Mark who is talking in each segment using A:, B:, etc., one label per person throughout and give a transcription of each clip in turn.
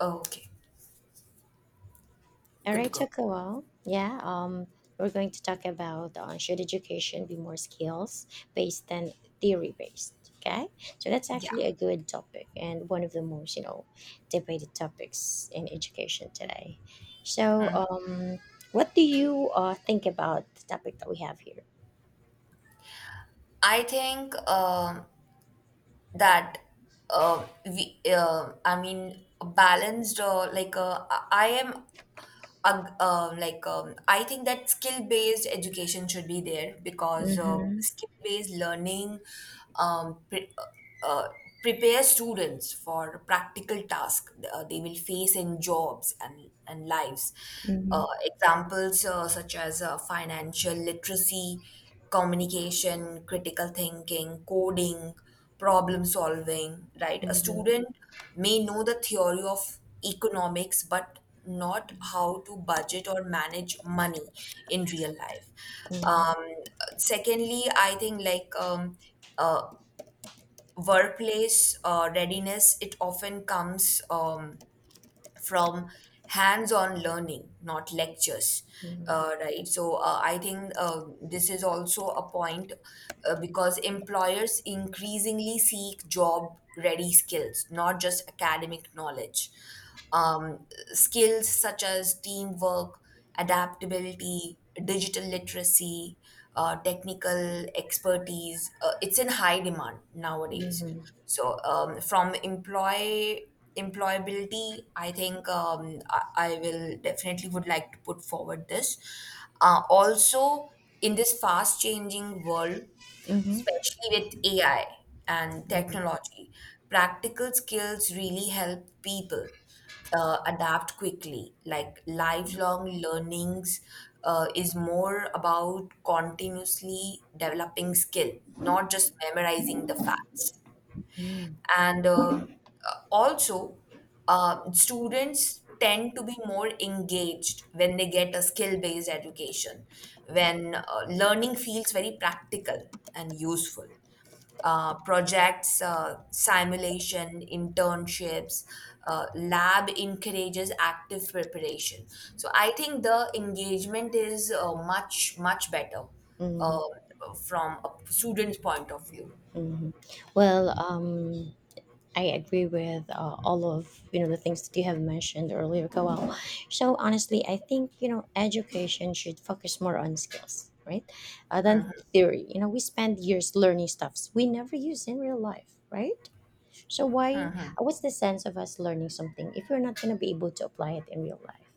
A: Oh, okay,
B: All
A: good to
B: right,
A: go.
B: Chakawa. Yeah, we're going to talk about should education be more skills based than theory based. Okay, so that's
A: Yeah,
B: actually a good topic and one of the most debated topics in education today. So, what do you think about the topic that we have here?
A: I think that we, balanced, like, I am ag- like I think that skill based education should be there because
B: Mm-hmm.
A: skill based learning um, pre- uh, uh, prepare students for practical tasks they will face in jobs and lives.
B: Mm-hmm.
A: Examples such as financial literacy, communication, critical thinking, coding problem solving, right? A
B: Mm-hmm.
A: student may know the theory of economics, but not how to budget or manage money in real life.
B: Mm-hmm.
A: Um, Secondly, I think uh, workplace readiness, it often comes from hands-on learning, not lectures.
B: Mm-hmm.
A: Right. So I think this is also a point because employers increasingly seek job ready skills, not just academic knowledge. Um, Skills such as teamwork, adaptability, digital literacy, technical expertise. It's in high demand nowadays.
B: Mm-hmm.
A: So from employability, I think I will definitely would like to put forward this. Also, in this fast changing world,
B: Mm-hmm.
A: especially with AI and
B: Mm-hmm.
A: technology, practical skills really help people adapt quickly. Like lifelong learnings is more about continuously developing skill, not just memorizing the facts. And Also, students tend to be more engaged when they get a skill based education, when learning feels very practical and useful, projects, simulation, internships, lab encourages active preparation. So I think the engagement is uh, much better uh, from a student's point of view.
B: Mm-hmm. Well, I agree with all of the things that you have mentioned earlier, Kawal. So honestly, I think education should focus more on skills, right, than theory. You know, we spend years learning stuffs we never use in real life, right? So why? What's the sense of us learning something if we're not going to be able to apply it in real life?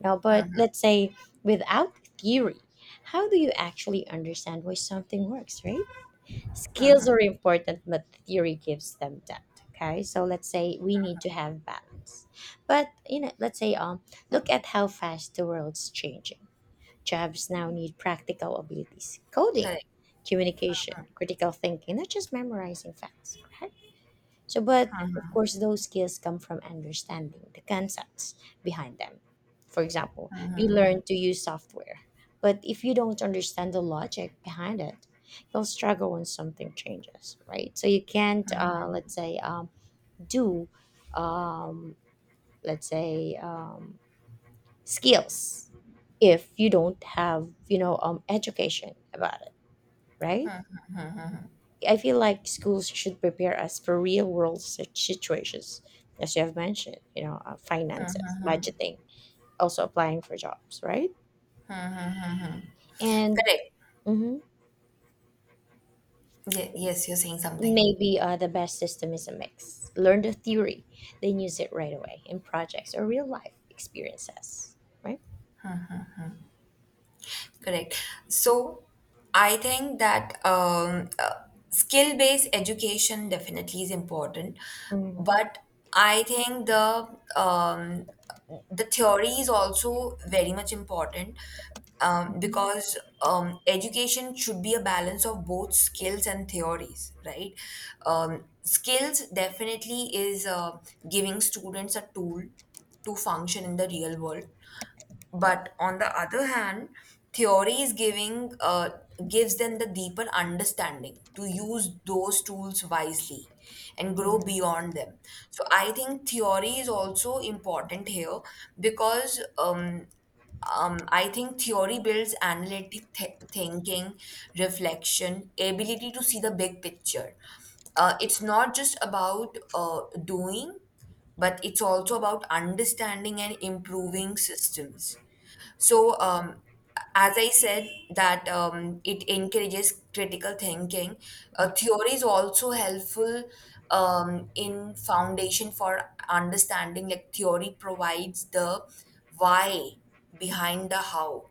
B: Now, but let's say without theory, how do you actually understand why something works, right? Skills are important, but theory gives them depth. Okay, so let's say we need to have balance. But you know, let's say look at how fast the world's changing. Jobs now need practical abilities: coding,
A: Correct.
B: communication, critical thinking, not just memorizing facts. Right? So, but of course, those skills come from understanding the concepts behind them. For example, you learn to use software, but if you don't understand the logic behind it, you'll struggle when something changes, right? So you can't, let's say, do, um, let's say, skills if you don't have, education about it, right? I feel like schools should prepare us for real world situations, as you have mentioned, finances, budgeting, also applying for jobs, right? And
A: Correct.
B: mhm,
A: Yes, you're saying something.
B: maybe the best system is a mix. Learn the theory, then use it right away in projects or real life experiences, right?
A: Correct. So, I think that skill based education definitely is important,
B: Mm-hmm.
A: but I think um, the theory is also very much important because education should be a balance of both skills and theories, right? Skills definitely is giving students a tool to function in the real world, but on the other hand, theory is giving gives them the deeper understanding to use those tools wisely and grow
B: Mm-hmm.
A: beyond them. So I think theory is also important here because I think theory builds analytic thinking, reflection, ability to see the big picture. It's not just about doing, but it's also about understanding and improving systems. So, as I said, that it encourages critical thinking. Theory is also helpful in foundation for understanding. Like theory provides the why behind the how,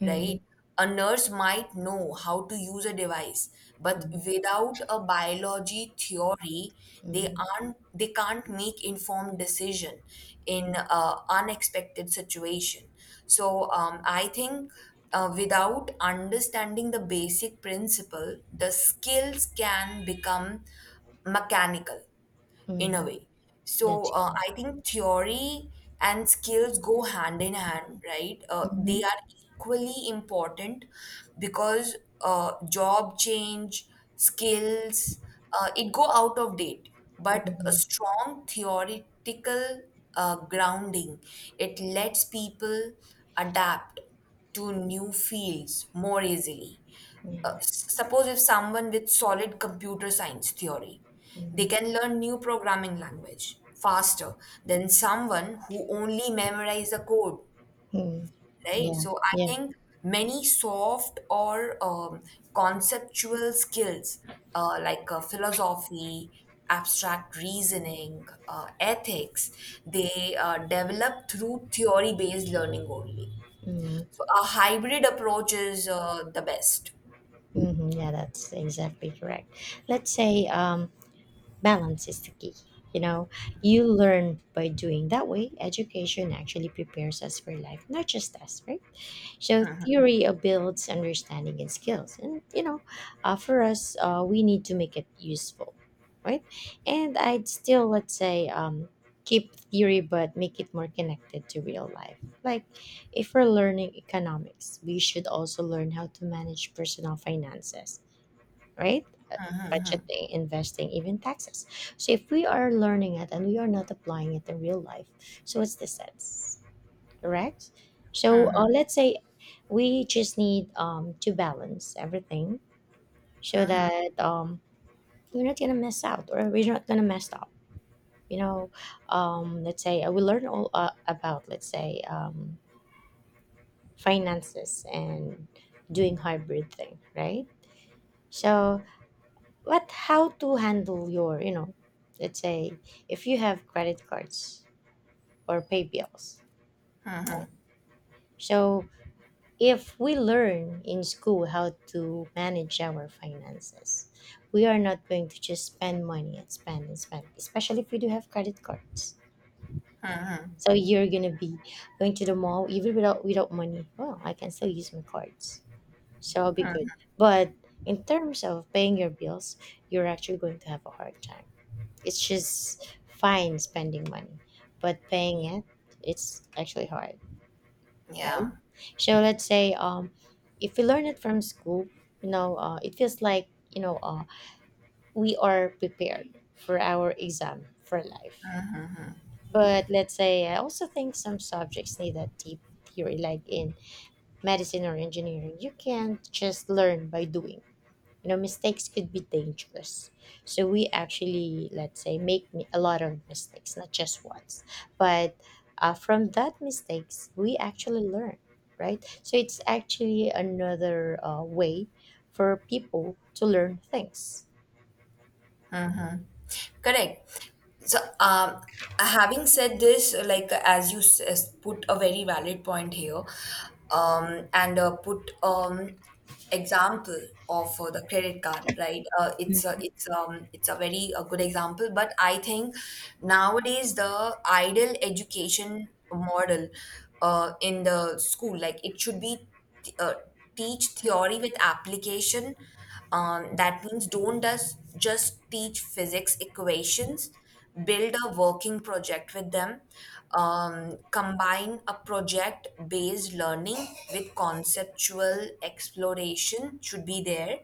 B: Mm-hmm.
A: right? A nurse might know how to use a device, but without a biology theory,
B: Mm-hmm.
A: they can't make informed decision in unexpected situation. So I think without understanding the basic principle, the skills can become mechanical in a
B: Mm-hmm.
A: way. So
B: That's correct.
A: I think theory and skills go hand in hand, right? They
B: Mm-hmm.
A: are equally important because job change, skills, it go out of date. But a
B: Mm-hmm.
A: strong theoretical grounding, it lets people adapt to new fields more easily. Suppose if someone with solid computer science theory, they
B: Mm-hmm.
A: can learn new programming language faster than someone who only memorize the code,
B: Mm-hmm.
A: right?
B: Yeah.
A: So I
B: Yeah.
A: think many soft or conceptual skills like philosophy, abstract reasoning, ethics, they develop through theory-based learning only.
B: Mm-hmm.
A: So a hybrid approach is the best.
B: Hmm. Yeah, that's exactly correct. Let's say balance is the key. You know, you learn by doing. That way, education actually prepares us for life, not just us, right? So, theory builds understanding and skills. And, you know, for us, we need to make it useful, right? And I'd still, let's say, keep theory but make it more connected to real life. Like, if we're learning economics, we should also learn how to manage personal finances, right? Uh, Budgeting, investing, even taxes. So if we are learning it and we are not applying it in real life, so what's the sense, correct? So let's say we just need to balance everything so that we're not gonna mess out or we're not gonna mess up. You know, let's say we learn all about let's say finances and doing hybrid thing, right? So what how to handle your let's say if you have credit cards or pay bills, right? So if we learn in school how to manage our finances, we are not going to just spend money and spend and spend, especially if we do have credit cards, so you're gonna be going to the mall even without money. Well, I can still use my cards, so I'll be good, but in terms of paying your bills, you're actually going to have a hard time. It's just fine spending money, but paying it, it's actually hard, right?
A: Yeah.
B: So let's say if we learn it from school, it feels like we are prepared for our exam for life. But let's say I also think some subjects need that deep theory, like in medicine or engineering. You can't just learn by doing, mistakes could be dangerous. So we actually, let's say, make a lot of mistakes, not just once, but from that mistakes we actually learn, right? So it's actually another way for people to learn things.
A: Correct. So, having said this, like as you put a very valid point here, um, and put example of the credit card, right? It's it's a very a good example, but I think nowadays the ideal education model in the school, like it should be th- uh, teach theory with application, that means don't just teach physics equations, build a working project with them, combine a project based learning with conceptual exploration should be there.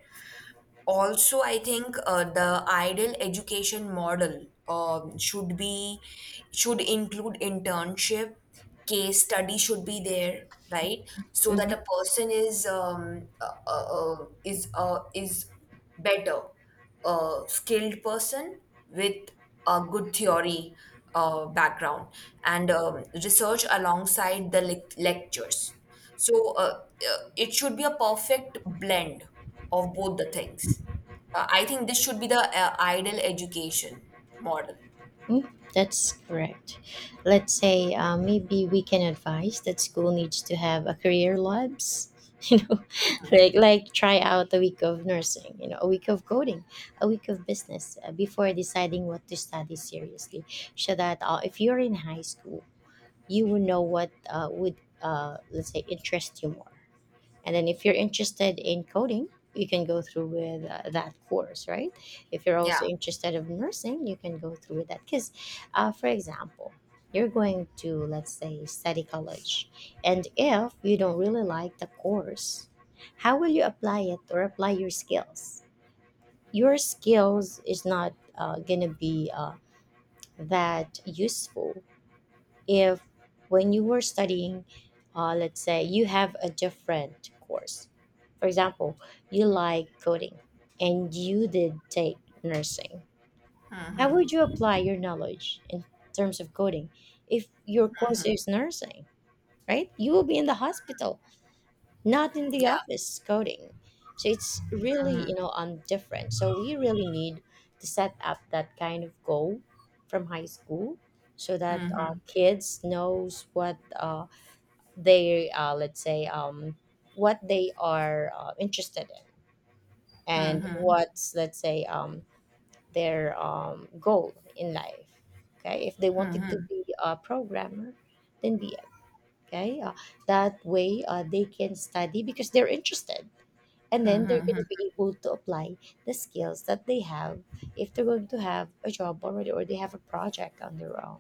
A: Also, I think the ideal education model should be should include internship, case study should be there, right? So that
B: Mhm.
A: a person is better, a skilled person with a good theory background, and research alongside the lectures. So, it should be a perfect blend of both the things. I think this should be the ideal education model.
B: Mm, That's correct. Let's say maybe we can advise that school needs to have a career labs. You know, like try out a week of nursing, a week of coding, a week of business before deciding what to study seriously. So that if you're in high school, you will know what would let's say interest you more, and then if you're interested in coding, you can go through with that course, right? If you're
A: Yeah,
B: also interested of nursing, you can go through with that. Because, for example, you're going to let's say study college, and if you don't really like the course, how will you apply it or apply your skills? Your skills is not gonna be that useful if when you were studying let's say you have a different course, for example, you like coding and you did take nursing, how would you apply your knowledge in terms of coding if your course is nursing, right? You will be in the hospital, not in the
A: yeah,
B: office coding. So it's really, different. So we really need to set up that kind of goal from high school so that kids knows what they, let's say, what they are interested in, and what's, let's say, their goal in life. Okay, if they wanted to be a programmer, then be it. Okay, that way they can study because they're interested, and then they're going to be able to apply the skills that they have if they're going to have a job already or they have a project on their own,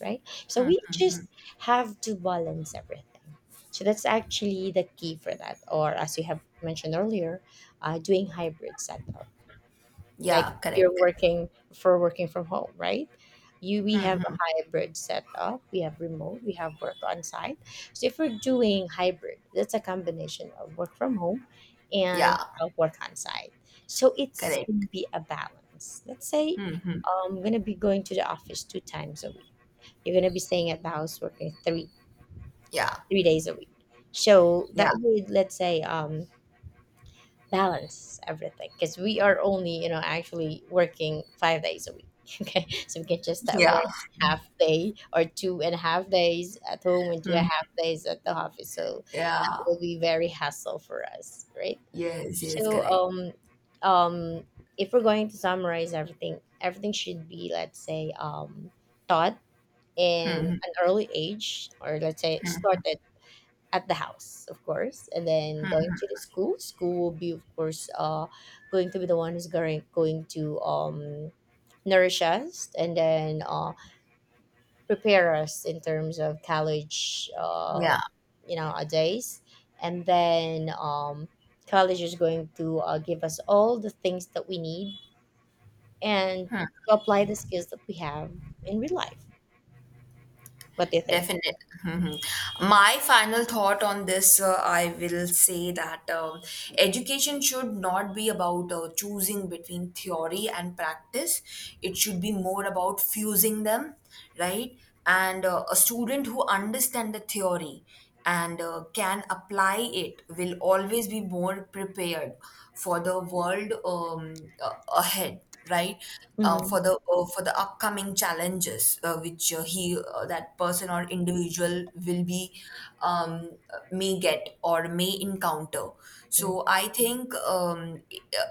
B: right? So we just have to balance everything, so that's actually the key for that, or as you have mentioned earlier, doing hybrid setup. Like,
A: yeah,
B: if you're
A: correct.
B: working for working from home, right? you we have a hybrid setup. We have remote, we have work on site, so if we're doing hybrid, that's a combination of work from home and
A: Yeah,
B: work on site. So it's going to
A: correct.
B: be a balance, let's say, I'm going to be going to the office 2 times a week. You're going to be staying at the house working three
A: Yeah,
B: three days a week, so
A: yeah,
B: that would, let's say, balance everything because we are only, actually working 5 days a week. Okay, so we can just work
A: yeah,
B: half day or 2.5 days at home and 2.5 days at the office, so that
A: yeah.
B: will be very hassle for us, right?
A: Yes, yes,
B: So
A: correct.
B: um if we're going to summarize everything, everything should be, let's say, taught in an early age or, let's say, started at the house, of course, and then going to the school. School will be, of course, going to be the one who's going going to nourish us and then prepare us in terms of college,
A: Yeah.
B: our days, and then college is going to give us all the things that we need and to apply the skills that we have in real life. What do you think?
A: Definitely. Mhm. My final thought on this, I will say that education should not be about choosing between theory and practice. It should be more about fusing them, right? And a student who understands the theory and can apply it will always be more prepared for the world ahead, right?
B: Mm-hmm.
A: For the for the upcoming challenges which he that person or individual will be, um, may get or may encounter. So I think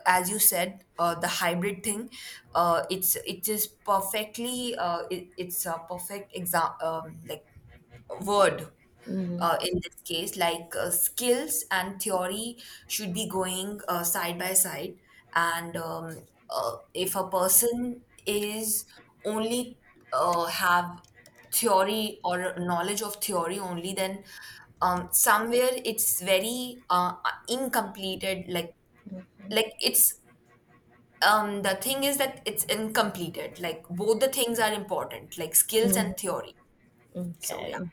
A: as you said, the hybrid thing, it's it is perfectly it's a perfect example like word
B: Mm-hmm.
A: in this case, like skills and theory should be going side by side. And if a person is only have theory or knowledge of theory only, then somewhere it's very incompleted, like
B: Mm-hmm.
A: it's, the thing is that it's incompleted, like both the things are important, like skills
B: Hmm.
A: and theory. So yeah.
B: Okay.